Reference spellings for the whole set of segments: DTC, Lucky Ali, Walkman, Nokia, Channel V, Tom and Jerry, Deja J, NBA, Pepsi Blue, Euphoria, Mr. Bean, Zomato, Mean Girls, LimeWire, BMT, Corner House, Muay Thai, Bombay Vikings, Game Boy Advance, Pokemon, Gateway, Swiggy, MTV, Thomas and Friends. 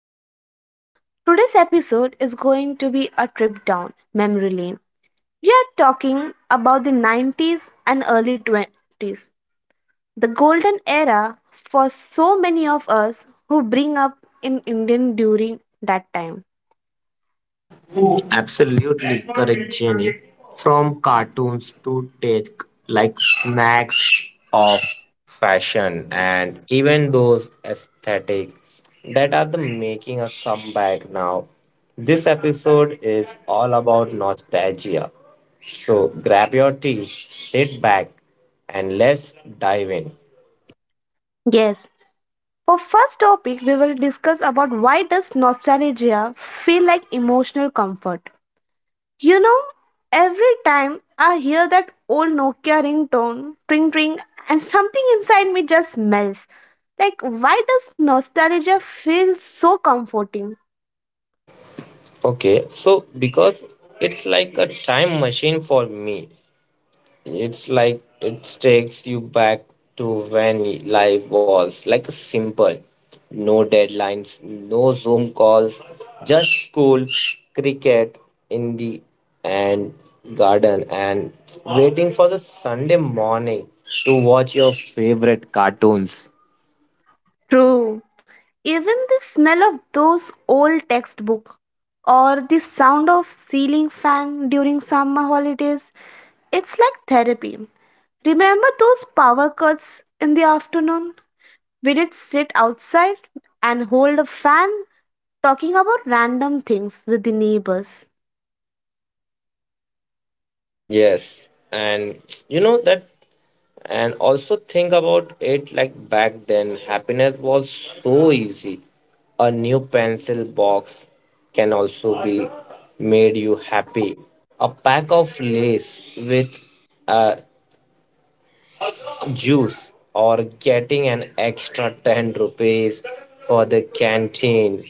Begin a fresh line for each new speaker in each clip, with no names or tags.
podcast. Today's episode is going to be a trip down memory lane. We are talking about the 90s and early 20s, the golden era for so many of us who bring up in Indian during that time.
Absolutely correct, Jenny. From cartoons to tech, like snacks of fashion, and even those aesthetic that are the making a comeback now. This episode is all about nostalgia. So grab your tea, sit back, and let's dive in.
Yes, for first topic we will discuss about why does nostalgia feel like emotional comfort? You know, every time I hear that old Nokia ringtone, ring ring, and something inside me just melts. Like, why does nostalgia feel so comforting?
Okay, so because it's like a time machine for me. It's like it takes you back to when life was like a simple, no deadlines, no zoom calls, just school, cricket in the and garden, and waiting for the Sunday morning to watch your favorite cartoons.
True. Even the smell of those old textbooks or the sound of ceiling fan during summer holidays, it's like therapy. Remember those power cuts in the afternoon? We did sit outside and hold a fan talking about random things with the neighbors.
Yes, and you know that. And also think about it, like back then, happiness was so easy. A new pencil box can also be made you happy. A pack of lace with uh, juice, or getting an extra 10 rupees for the canteen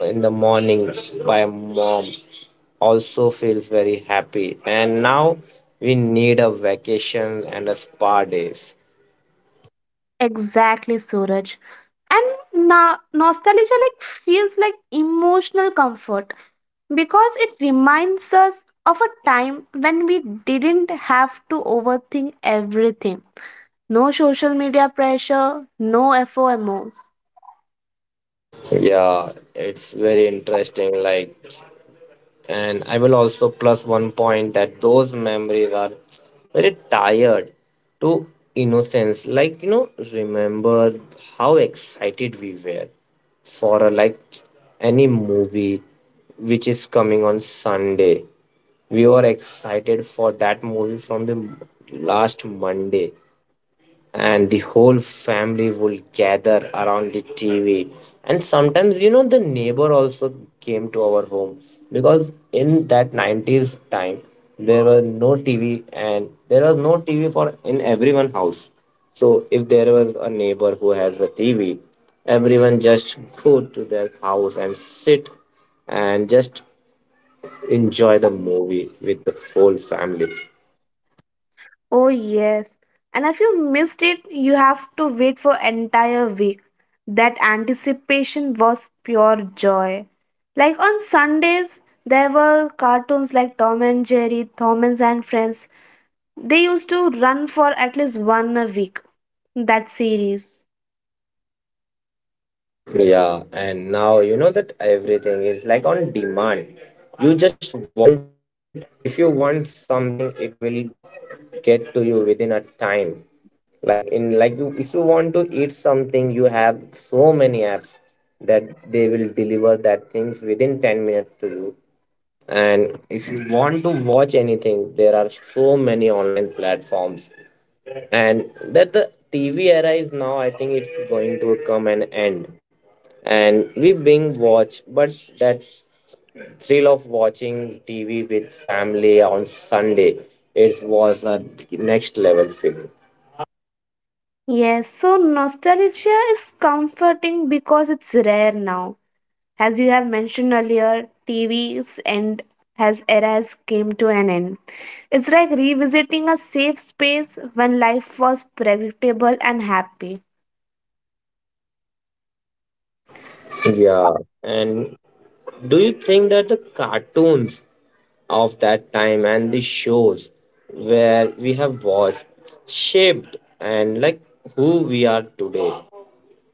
in the morning by mom also feels very happy. And now we need a vacation and a spa days.
Exactly, Suraj. And nostalgia like feels like emotional comfort because it reminds us of a time when we didn't have to overthink everything. No social media pressure, no FOMO.
Yeah, it's very interesting. Like, and I will also plus one point that those memories are very tired to innocence. Like, you know, remember how excited we were for a, like, any movie which is coming on Sunday. We were excited for that movie from the last Monday, and the whole family would gather around the TV. And sometimes, you know, the neighbor also came to our home because in that 90s time, there were no TV and there was no TV for in everyone house. So if there was a neighbor who has a TV, everyone just go to their house and sit and just enjoy the movie with the whole family.
Oh yes. And if you missed it, you have to wait for entire week. That anticipation was pure joy. Like on Sundays, there were cartoons like Tom and Jerry, Thomas and Friends. They used to run for at least one a week. That series.
Yeah, and now you know that everything is like on demand. You just want, if you want something, it will get to you within a time. Like in like you, if you want to eat something, you have so many apps that they will deliver that things within 10 minutes to you. And if you want to watch anything, there are so many online platforms, and that the TV era is now, I think it's going to come an end, and we being watch, but that thrill of watching TV with family on Sunday, it was a next level feeling.
Yes, so nostalgia is comforting because it's rare now. As you have mentioned earlier, TV's end has eras came to an end. It's like revisiting a safe space when life was predictable and happy.
Yeah, and do you think that the cartoons of that time and the shows where we have watched shaped and like who we are today?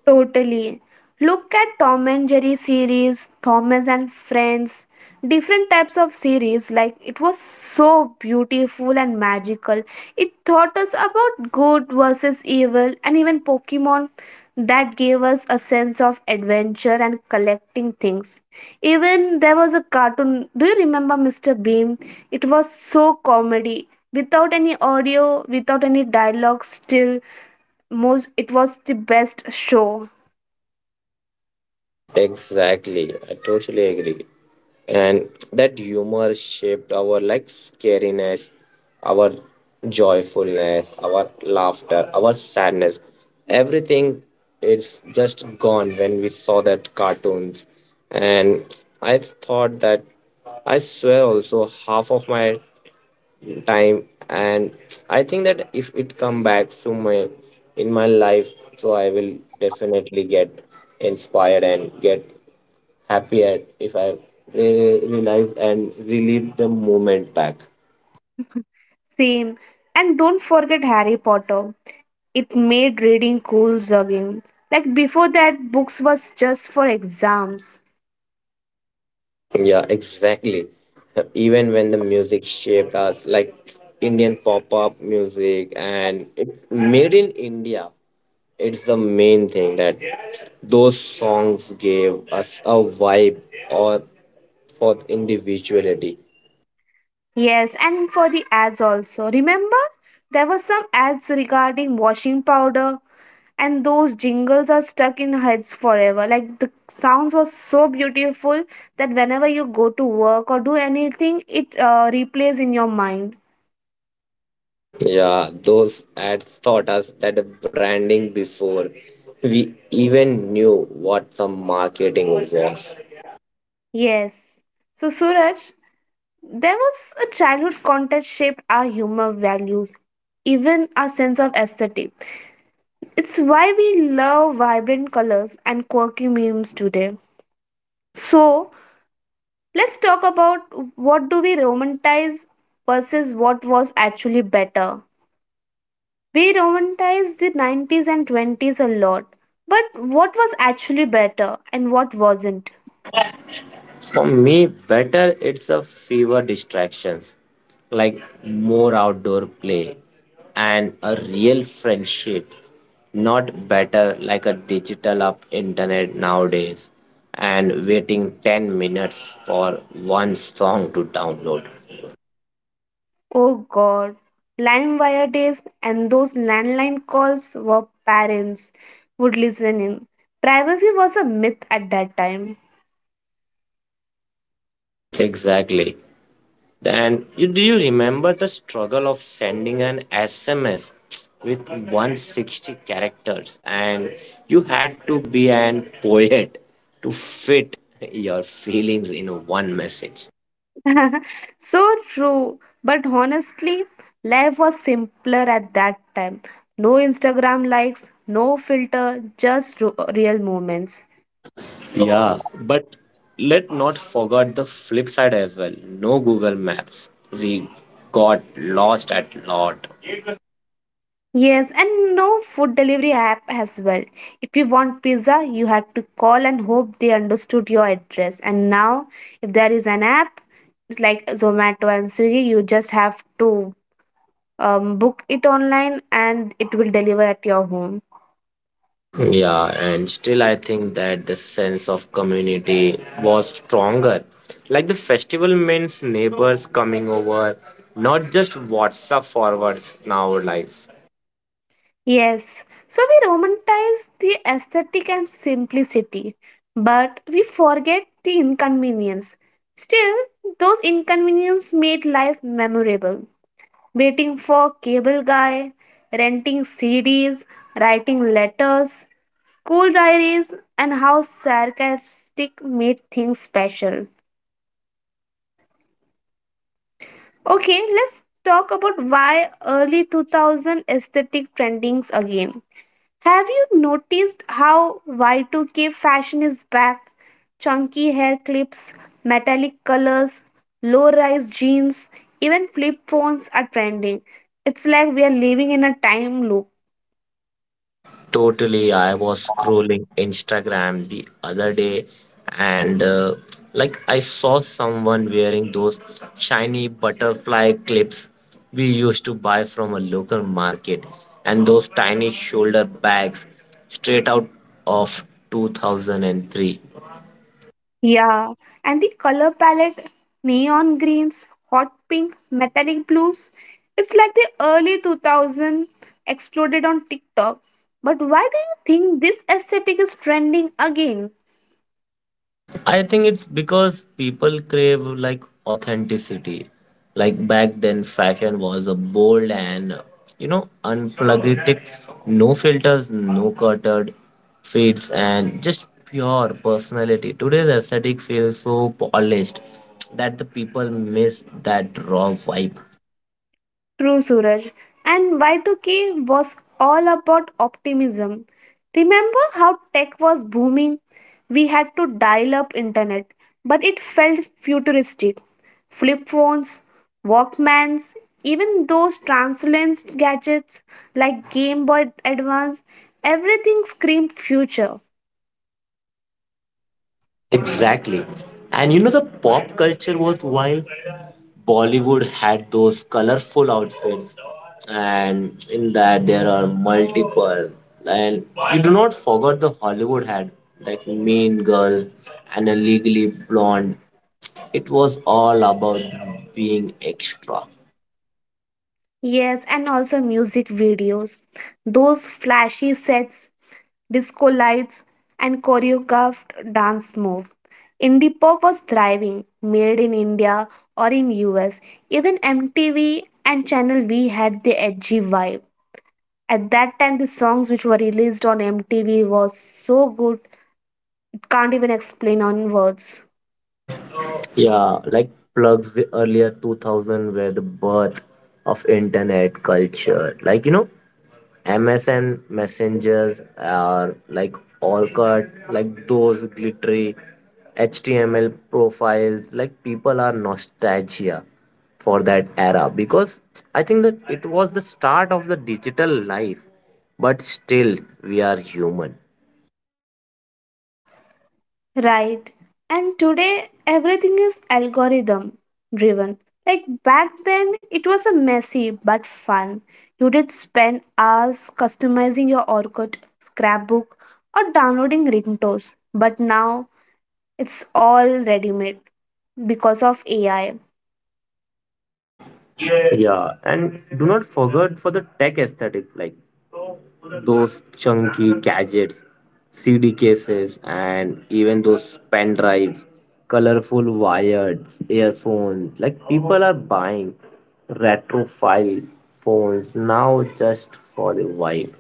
Totally. Look at Tom and Jerry series, Thomas and Friends, different types of series. Like it was so beautiful and magical. It taught us about good versus evil, and even Pokemon that gave us a sense of adventure and collecting things. Even there was a cartoon. Do you remember Mr. Bean? It was so comedy. Without any audio, without any dialogue, still most it was the best show.
Exactly, I totally agree. And that humor shaped our like scariness, our joyfulness, our laughter, our sadness. Everything is just gone when we saw that cartoons. And I thought that I swear also half of my time, and I think that if it come back to my, in my life, so I will definitely get inspired and get happier if I realize and relive the moment back.
Same. And don't forget Harry Potter. It made reading cool again. Like before that, books was just for exams.
Yeah, exactly, even when the music shaped us, like Indian pop-up music and it made in India. It's the main thing that those songs gave us a vibe, or for individuality.
Yes, and for the ads also. Remember? There were some ads regarding washing powder, and those jingles are stuck in heads forever. Like the sounds were so beautiful that whenever you go to work or do anything, it replays in your mind.
Yeah, those ads taught us that the branding before we even knew what some marketing was.
Yes. So, Suraj, there was a childhood contest shaped our humor values, even our sense of aesthetic. It's why we love vibrant colors and quirky memes today. So, let's talk about what do we romanticize versus what was actually better. We romanticized the 90s and 20s a lot, but what was actually better and what wasn't?
For me, better it's a fewer distractions, like more outdoor play and a real friendship. Not better like a digital up internet nowadays and waiting 10 minutes for one song to download.
Oh God, LimeWire days and those landline calls where parents would listen in. Privacy was a myth at that time.
Exactly. And you, do you remember the struggle of sending an SMS with 160 characters? And you had to be an poet to fit your feelings in one message.
So true, but honestly, life was simpler at that time. No Instagram likes, no filter, just real moments.
Yeah, but let not forget the flip side as well. No Google Maps. We got lost at lot.
Yes, and no food delivery app as well. If you want pizza, you had to call and hope they understood your address. And now, if there is an app it's like Zomato and Swiggy, you just have to book it online and it will deliver at your home.
Yeah, and still, I think that the sense of community was stronger. Like the festival means neighbors coming over, not just WhatsApp forwards in our life.
Yes, so we romanticize the aesthetic and simplicity, but we forget the inconvenience. Still, those inconveniences made life memorable. Waiting for cable guy, renting CDs, writing letters, school diaries, and how sarcastic made things special. Okay, let's talk about why early 2000 aesthetic trendings again. Have you noticed how Y2K fashion is back? Chunky hair clips, metallic colors, low rise jeans, even flip phones are trending. It's like we are living in a time loop.
Totally, I was scrolling Instagram the other day, and like I saw someone wearing those shiny butterfly clips we used to buy from a local market, and those tiny shoulder bags straight out of 2003.
Yeah, and the color palette neon greens, hot pink, metallic blues. It's like the early 2000 exploded on TikTok. But why do you think this aesthetic is trending again?
I think it's because people crave like authenticity. Like back then, fashion was a bold and, you know, unplugged, no filters, no cluttered fits, and just pure personality. Today's aesthetic feels so polished that the people miss that raw vibe.
True, Suraj. And Y2K was all about optimism. Remember how tech was booming? We had to dial up internet, but it felt futuristic. Flip phones, Walkmans, even those translucent gadgets like Game Boy Advance, everything screamed future.
Exactly. And you know the pop culture was wild. Bollywood had those colorful outfits, and in that there are multiple. And you do not forget the Hollywood had, like, Mean Girl and a Legally Blonde. It was all about being extra.
Yes, and also music videos. Those flashy sets, disco lights, and choreographed dance move. Indie pop was thriving, made in India or in US. Even MTV and Channel V had the edgy vibe. At that time, the songs which were released on MTV was so good, it can't even explain on words.
Yeah, like plugs the earlier 2000 were the birth of internet culture. Like, you know, MSN messengers are like all cut, like those glittery HTML profiles. Like, people are nostalgia for that era because I think that it was the start of the digital life, but still, we are human.
Right. And today everything is algorithm driven. Like back then it was a messy but fun. You did spend hours customizing your orchid scrapbook or downloading ringtones. But now it's all ready made because of AI.
Yeah, and do not forget for the tech aesthetic, like those chunky gadgets, CD cases, and even those pen drives, colorful wires, earphones. Like people are buying retrophile phones now just for the vibe.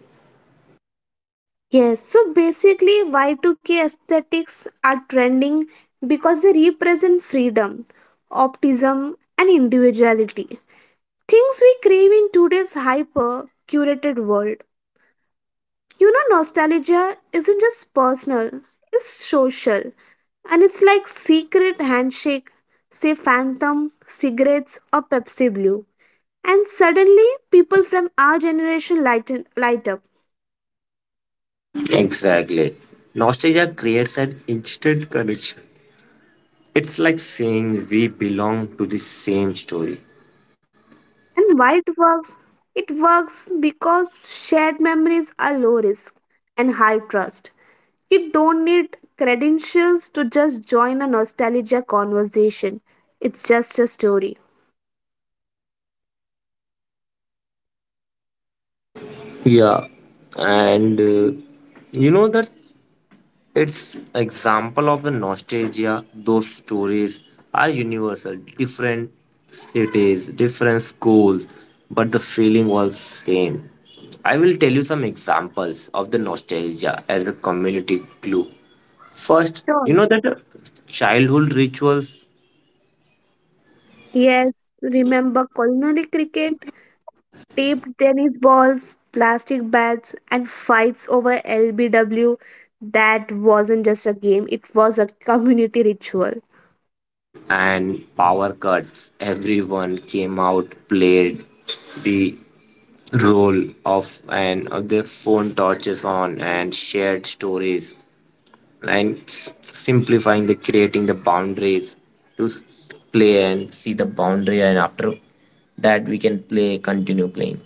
Yes, so basically Y2K aesthetics are trending because they represent freedom, optimism and individuality. Things we crave in today's hyper curated world. You know, nostalgia isn't just personal, it's social. And it's like secret handshake, say phantom, cigarettes, or Pepsi Blue. And suddenly, people from our generation lighten, light up.
Exactly. Nostalgia creates an instant connection. It's like saying we belong to the same story.
And why it works? It works because shared memories are low risk and high trust. You don't need credentials to just join a nostalgia conversation. It's just a story.
Yeah, and you know that it's example of a nostalgia. Those stories are universal. Different cities, different schools, but the feeling was same. I will tell you some examples of the nostalgia as a community glue. First,
Sure.
you know that childhood rituals
Yes, remember culinary cricket, taped tennis balls, plastic bats, and fights over LBW. That wasn't just a game, it was a community ritual.
and power cuts. Everyone came out, played, the role of an of the phone torches on and shared stories and simplifying the creating the boundaries to play and see the boundary, and after that we can play continue playing.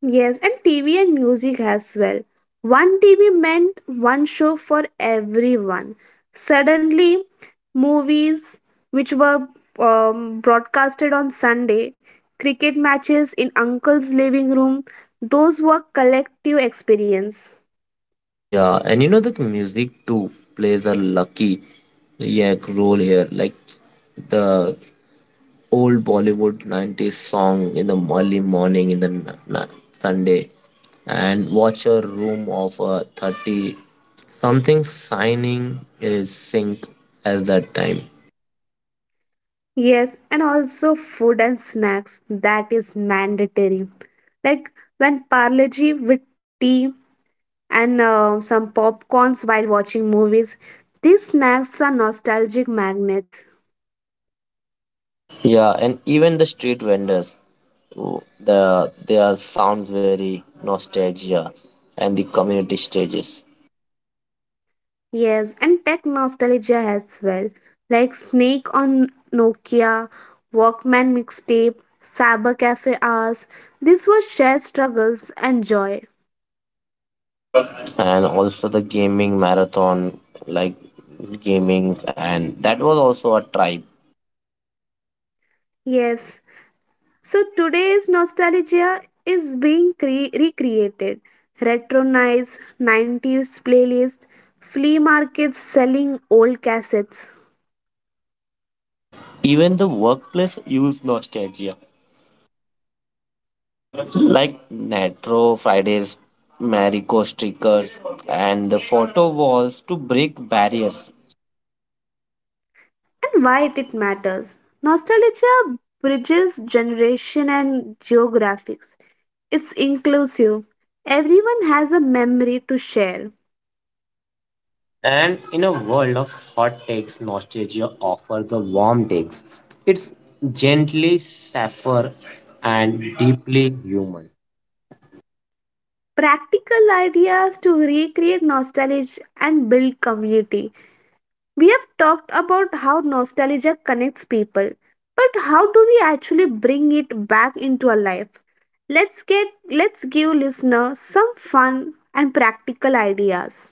Yes, and TV and music as well. One TV meant one show for everyone. Suddenly, movies which were broadcasted on Sunday, cricket matches in uncle's living room, those were collective experience.
Yeah, and you know the music too plays a lucky, yeah, role here, like the old Bollywood 90s song in the early morning in the n- Sunday, and watch a room of 30 something signing is sync at that time.
Yes, and also food and snacks, that is mandatory. Like when parleji with tea and some popcorns while watching movies. These snacks are nostalgic magnets.
Yeah, and even the street vendors, the their sounds very nostalgia and the community stages,
Yes, and tech nostalgia as well, like Snake on Nokia, Walkman mixtape, Cyber Cafe hours. These were shared struggles and joy.
and also the gaming marathon, like gamings, and that was also a tribe,
Yes, so today's nostalgia is being recreated. Retro nights, 90s playlist, flea markets selling old cassettes.
even the workplace used nostalgia like Natro Fridays, Marico stickers, and the photo walls to break barriers.
And why it matters. Nostalgia bridges generation and geographics. It's inclusive. Everyone has a memory to share.
And in a world of hot takes, nostalgia offers the warm takes. It's gently safer and deeply human.
Practical ideas to recreate nostalgia and build community. We have talked about how nostalgia connects people, but how do we actually bring it back into our life? Let's give listeners some fun and practical ideas.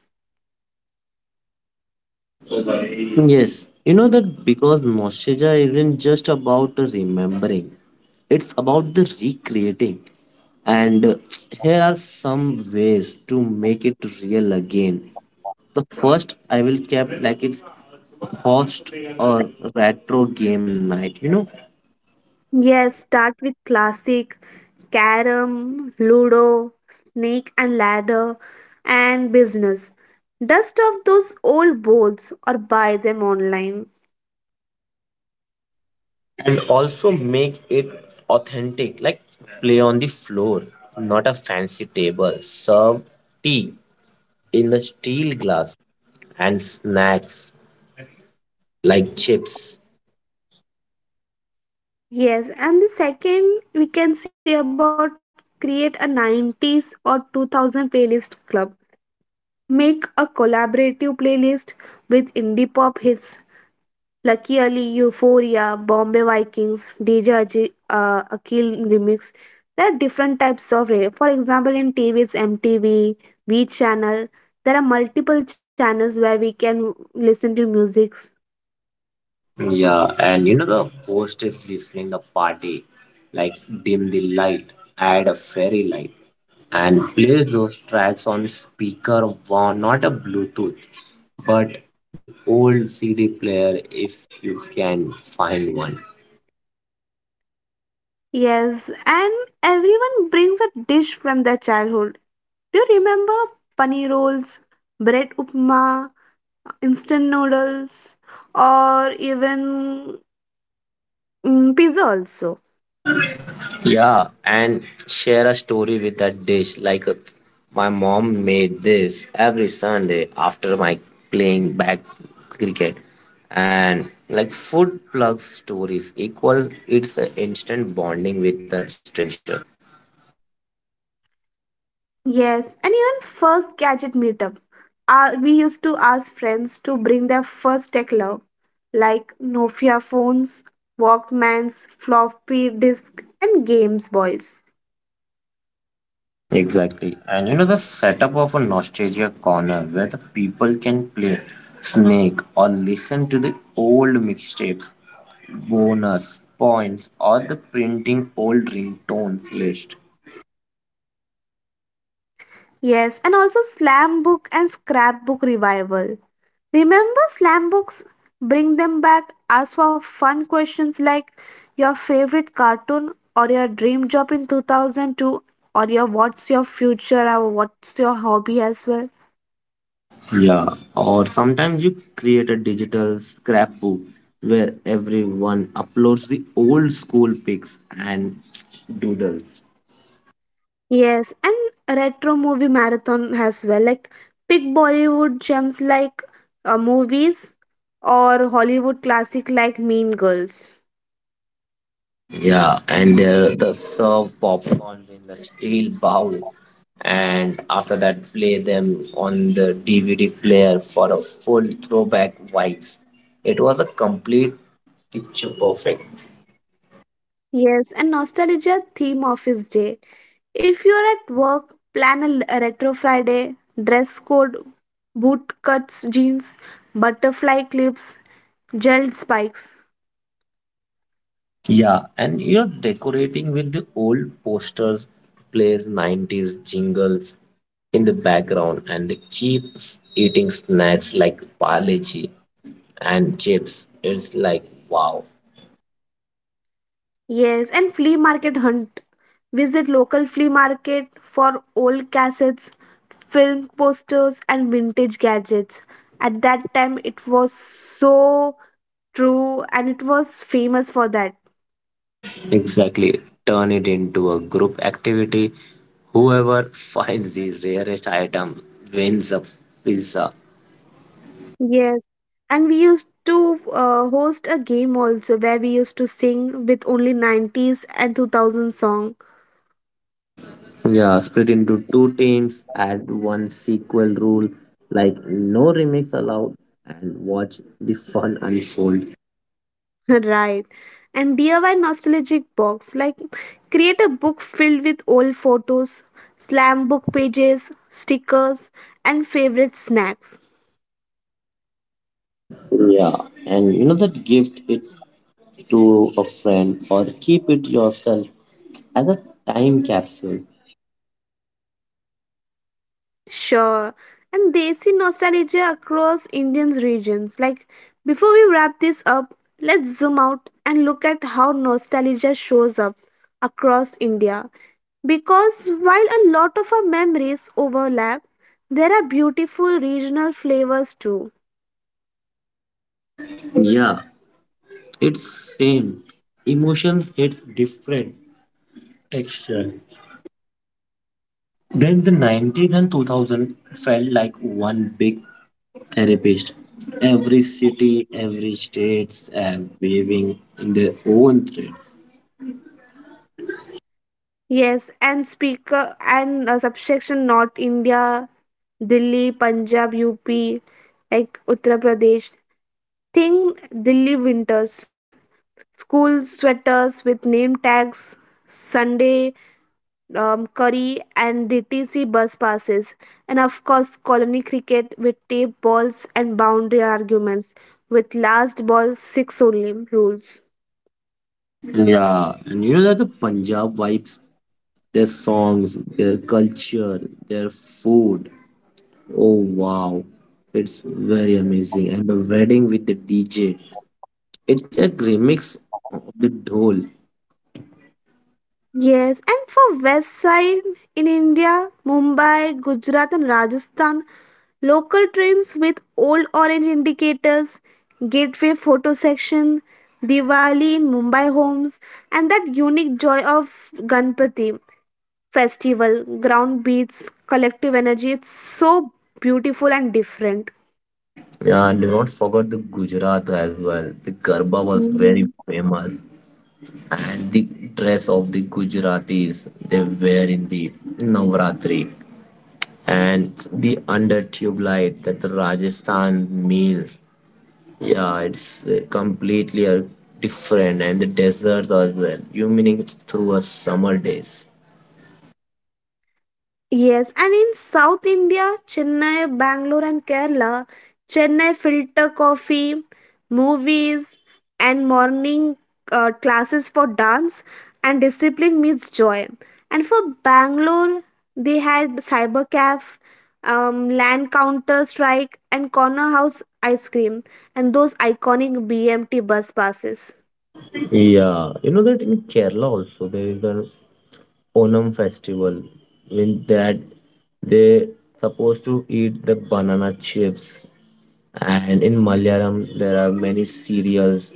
Yes, you know that because nostalgia isn't just about the remembering, it's about the recreating. And here are some ways to make it real again. The first I will kept, like it's host or retro game night, you know.
Yes, start with classic, carom, ludo, snake and ladder, and business. Dust off those old boards or buy them online.
And also make it authentic, like play on the floor, not a fancy table, serve tea in the steel glass, and snacks like chips.
Yes, and the second we can say about create a 90s or 2000 playlist club. Make a collaborative playlist with indie pop hits, Lucky Ali, Euphoria, Bombay Vikings, Deja J, Akil remix. There are different types of radio. For example, in TV, it's MTV, V channel. There are multiple channels where we can listen to musics.
Yeah, and you know the hostess listening the party, like dim the light, add a fairy light, and play those tracks on speaker one, not a Bluetooth, but the old CD player if you can find one.
Yes, and everyone brings a dish from their childhood. Do you remember paneer rolls, bread upma, instant noodles, or even pizza also?
Yeah, and share a story with that dish. Like, my mom made this every Sunday after my playing back cricket. And like food plug stories equals it's an instant bonding with a stranger.
Yes, and even first gadget meetup. We used to ask friends to bring their first tech love, like Nokia phones, Walkmans, floppy disk, and Games Boys.
Exactly. And you know the setup of a nostalgia corner where the people can play Snake or listen to the old mixtapes, bonus points or the printing old ringtone list.
Yes, and also slam book and scrapbook revival. Remember slam books? Bring them back. Ask for fun questions like your favorite cartoon or your dream job in 2002 or your what's your future or what's your hobby as well.
Yeah, or sometimes you create a digital scrapbook where everyone uploads the old school pics and doodles.
Yes, and retro movie marathon as well. Like pick Bollywood gems like movies or Hollywood classic like Mean Girls.
Yeah, and the serve popcorns in the steel bowl, and after that, play them on the DVD player for a full throwback vibes. It was a complete picture perfect.
Yes, and nostalgia theme office day. If you're at work, plan a retro Friday. Dress code: boot cuts, jeans, butterfly clips, gel spikes.
Yeah, and you're decorating with the old posters, plays 90s jingles in the background, and they keep eating snacks like paleji and chips. It's like, wow.
Yes, and flea market hunt. Visit local flea market for old cassettes, film posters, and vintage gadgets. At that time, it was so true and it was famous for that.
Exactly. Turn it into a group activity. Whoever finds the rarest item wins a pizza.
Yes, and we used to host a game also where we used to sing with only 90s and 2000 song.
Yeah, split into two teams, add one sequel rule, like no remix allowed, and watch the fun unfold.
Right. And DIY nostalgic box, like create a book filled with old photos, slam book pages, stickers, and favorite snacks.
Yeah, and you know that gift it to a friend or keep it yourself as a time capsule.
Sure. And Desi nostalgia across Indian's regions. Like before we wrap this up, let's zoom out and look at how nostalgia shows up across India. Because while a lot of our memories overlap, there are beautiful regional flavors too.
Yeah, it's same. Emotions hit different texture. Then the 90s and 2000 felt like one big therapist. Every city, every states are waving in their own threads.
Yes, and speaker and subsection North India, Delhi, Punjab, UP, like Uttar Pradesh. Think Delhi winters, school sweaters with name tags, Sunday curry, and DTC bus passes, and of course colony cricket with tape balls and boundary arguments with last ball six only rules.
Yeah, and you know that the Punjab vibes, their songs, their culture, their food. Oh wow, it's very amazing. And the wedding with the DJ, it's a remix of the dhol.
Yes, and for west side in India, Mumbai, Gujarat and Rajasthan, local trains with old orange indicators, gateway photo section, Diwali in Mumbai homes, and that unique joy of Ganpati festival, ground beats, collective energy. It's so beautiful and different.
Yeah, and do not forget the Gujarat as well. The Garba was very famous, and the dress of the Gujaratis they wear in the Navratri, and the under tube light that the Rajasthan meals. Yeah, it's completely different, and the desert as well, you meaning it's through a summer days.
Yes, and in South India, Chennai, Bangalore, and Kerala, Chennai filter coffee, movies, and morning classes for dance and discipline meets joy. And for Bangalore, they had cyber caf, land counter strike, and corner house ice cream, and those iconic BMT bus passes.
Yeah, you know that in Kerala also there is a Onam festival. In that, they supposed to eat the banana chips, and in Malayalam there are many cereals,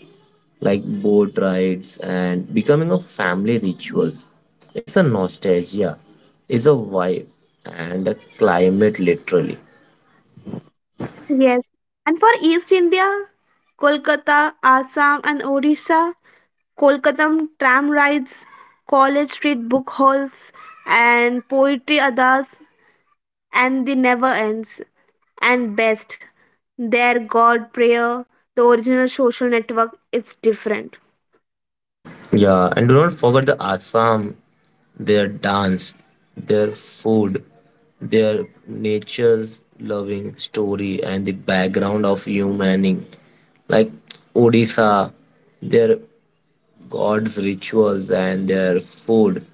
like boat rides and becoming of family rituals. It's a nostalgia, it's a vibe, and a climate literally.
Yes, and for East India, Kolkata, Assam, and Odisha. Kolkatam tram rides, college street book hauls, and poetry addas, and the never ends. And best, their God prayer, the original social network, it's different.
Yeah, and do not forget the Assam, their dance, their food, their nature's loving story, and the background of humaning. Like Odisha, their gods' rituals, and their food,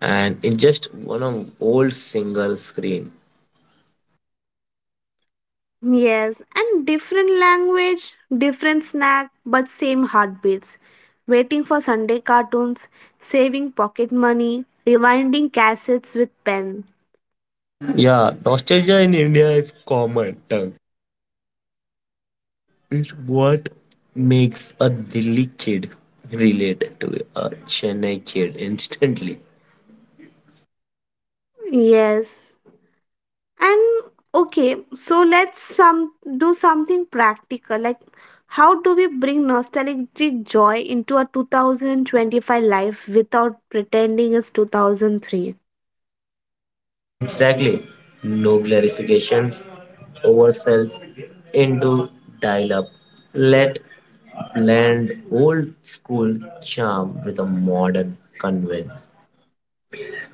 and in just one of old single screen.
Yes, and different language, different snack, but same heartbeats. Waiting for Sunday cartoons, saving pocket money, rewinding cassettes with pen.
Yeah, nostalgia in India is common term, is what makes a Delhi kid relate to a Chennai kid instantly.
Yes, and okay, so let's some do something practical. Like, how do we bring nostalgic joy into a 2025 life without pretending it's 2003?
Exactly. No glorifications, oversells into dial up. Let blend old school charm with a modern convenience.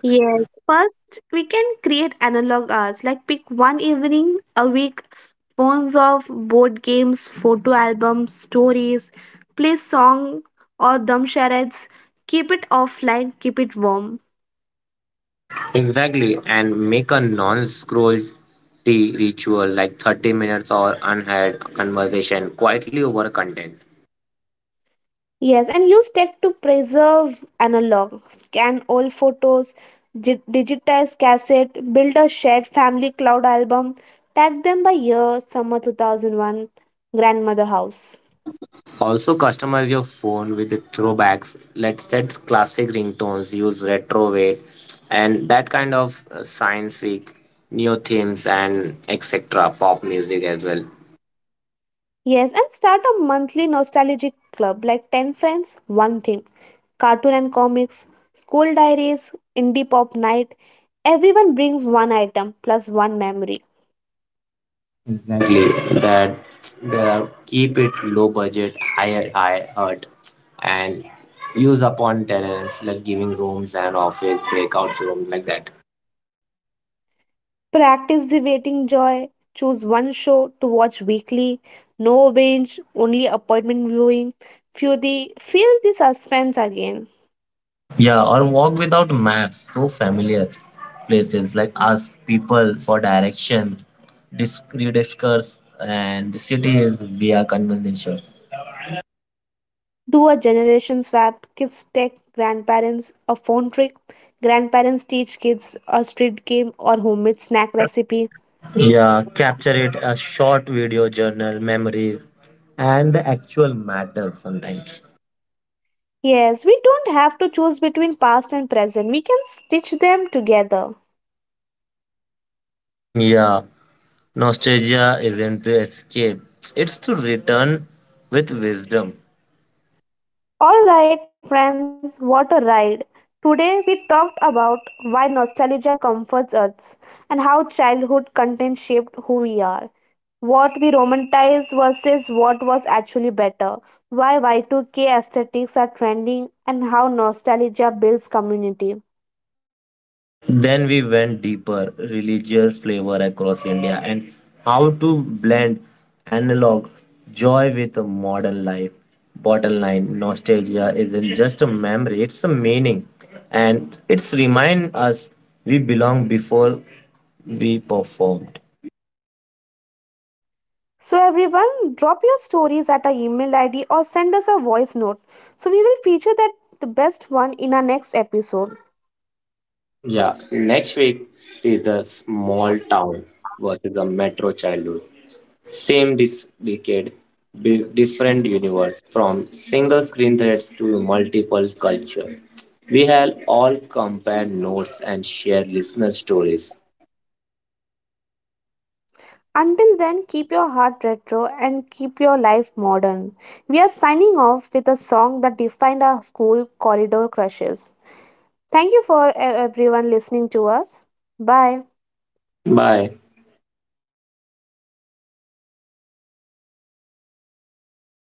Yes, first we can create analog hours. Like, pick one evening a week, phones off, board games, photo albums, stories, play song or dumb charades. Keep it offline, keep it warm.
Exactly, and make a non scroll tea ritual like 30 minutes or unhad conversation quietly over content.
Yes, and use tech to preserve analog, scan old photos, digitize cassette, build a shared family cloud album, tag them by year, summer 2001, grandmother house.
Also, customize your phone with the throwbacks. Let's set classic ringtones, use retro weight, and that kind of science fic, neo themes, and etc. Pop music as well.
Yes, and start a monthly nostalgic club like 10 friends, one theme, cartoon and comics, school diaries, indie pop night. Everyone brings one item plus one memory.
Exactly. That the keep it low budget, higher high art, and use upon tenants like giving rooms and office breakout room like that.
Practice the waiting joy. Choose one show to watch weekly. No binge, only appointment viewing. Feel the suspense again.
Yeah, or walk without maps, to familiar places, like ask people for direction, rediscuss and the cities via conversation.
Do a generation swap. Kids take grandparents a phone trick. Grandparents teach kids a street game or homemade snack recipe.
Yeah, capture it a short video journal, memories, and the actual matter sometimes.
Yes, we don't have to choose between past and present. We can stitch them together.
Yeah, nostalgia isn't to escape, it's to return with wisdom.
Alright friends, what a ride. Today we talked about why nostalgia comforts us and how childhood content shaped who we are. What we romanticize versus what was actually better. Why Y2K aesthetics are trending and how nostalgia builds community.
Then we went deeper, religious flavor across India, and how to blend analog joy with a modern life. Bottom line, nostalgia isn't just a memory, it's a meaning. And it's remind us we belong before we performed.
So everyone, drop your stories at our email ID or send us a voice note. So we will feature that the best one in our next episode.
Yeah. Next week is the small town versus the metro childhood. Same decade, different universe, from single screen threads to multiple culture. We have all compared notes and share listener stories.
Until then, keep your heart retro and keep your life modern. We are signing off with a song that defined our school corridor crushes. Thank you for everyone listening to us. Bye.
Bye.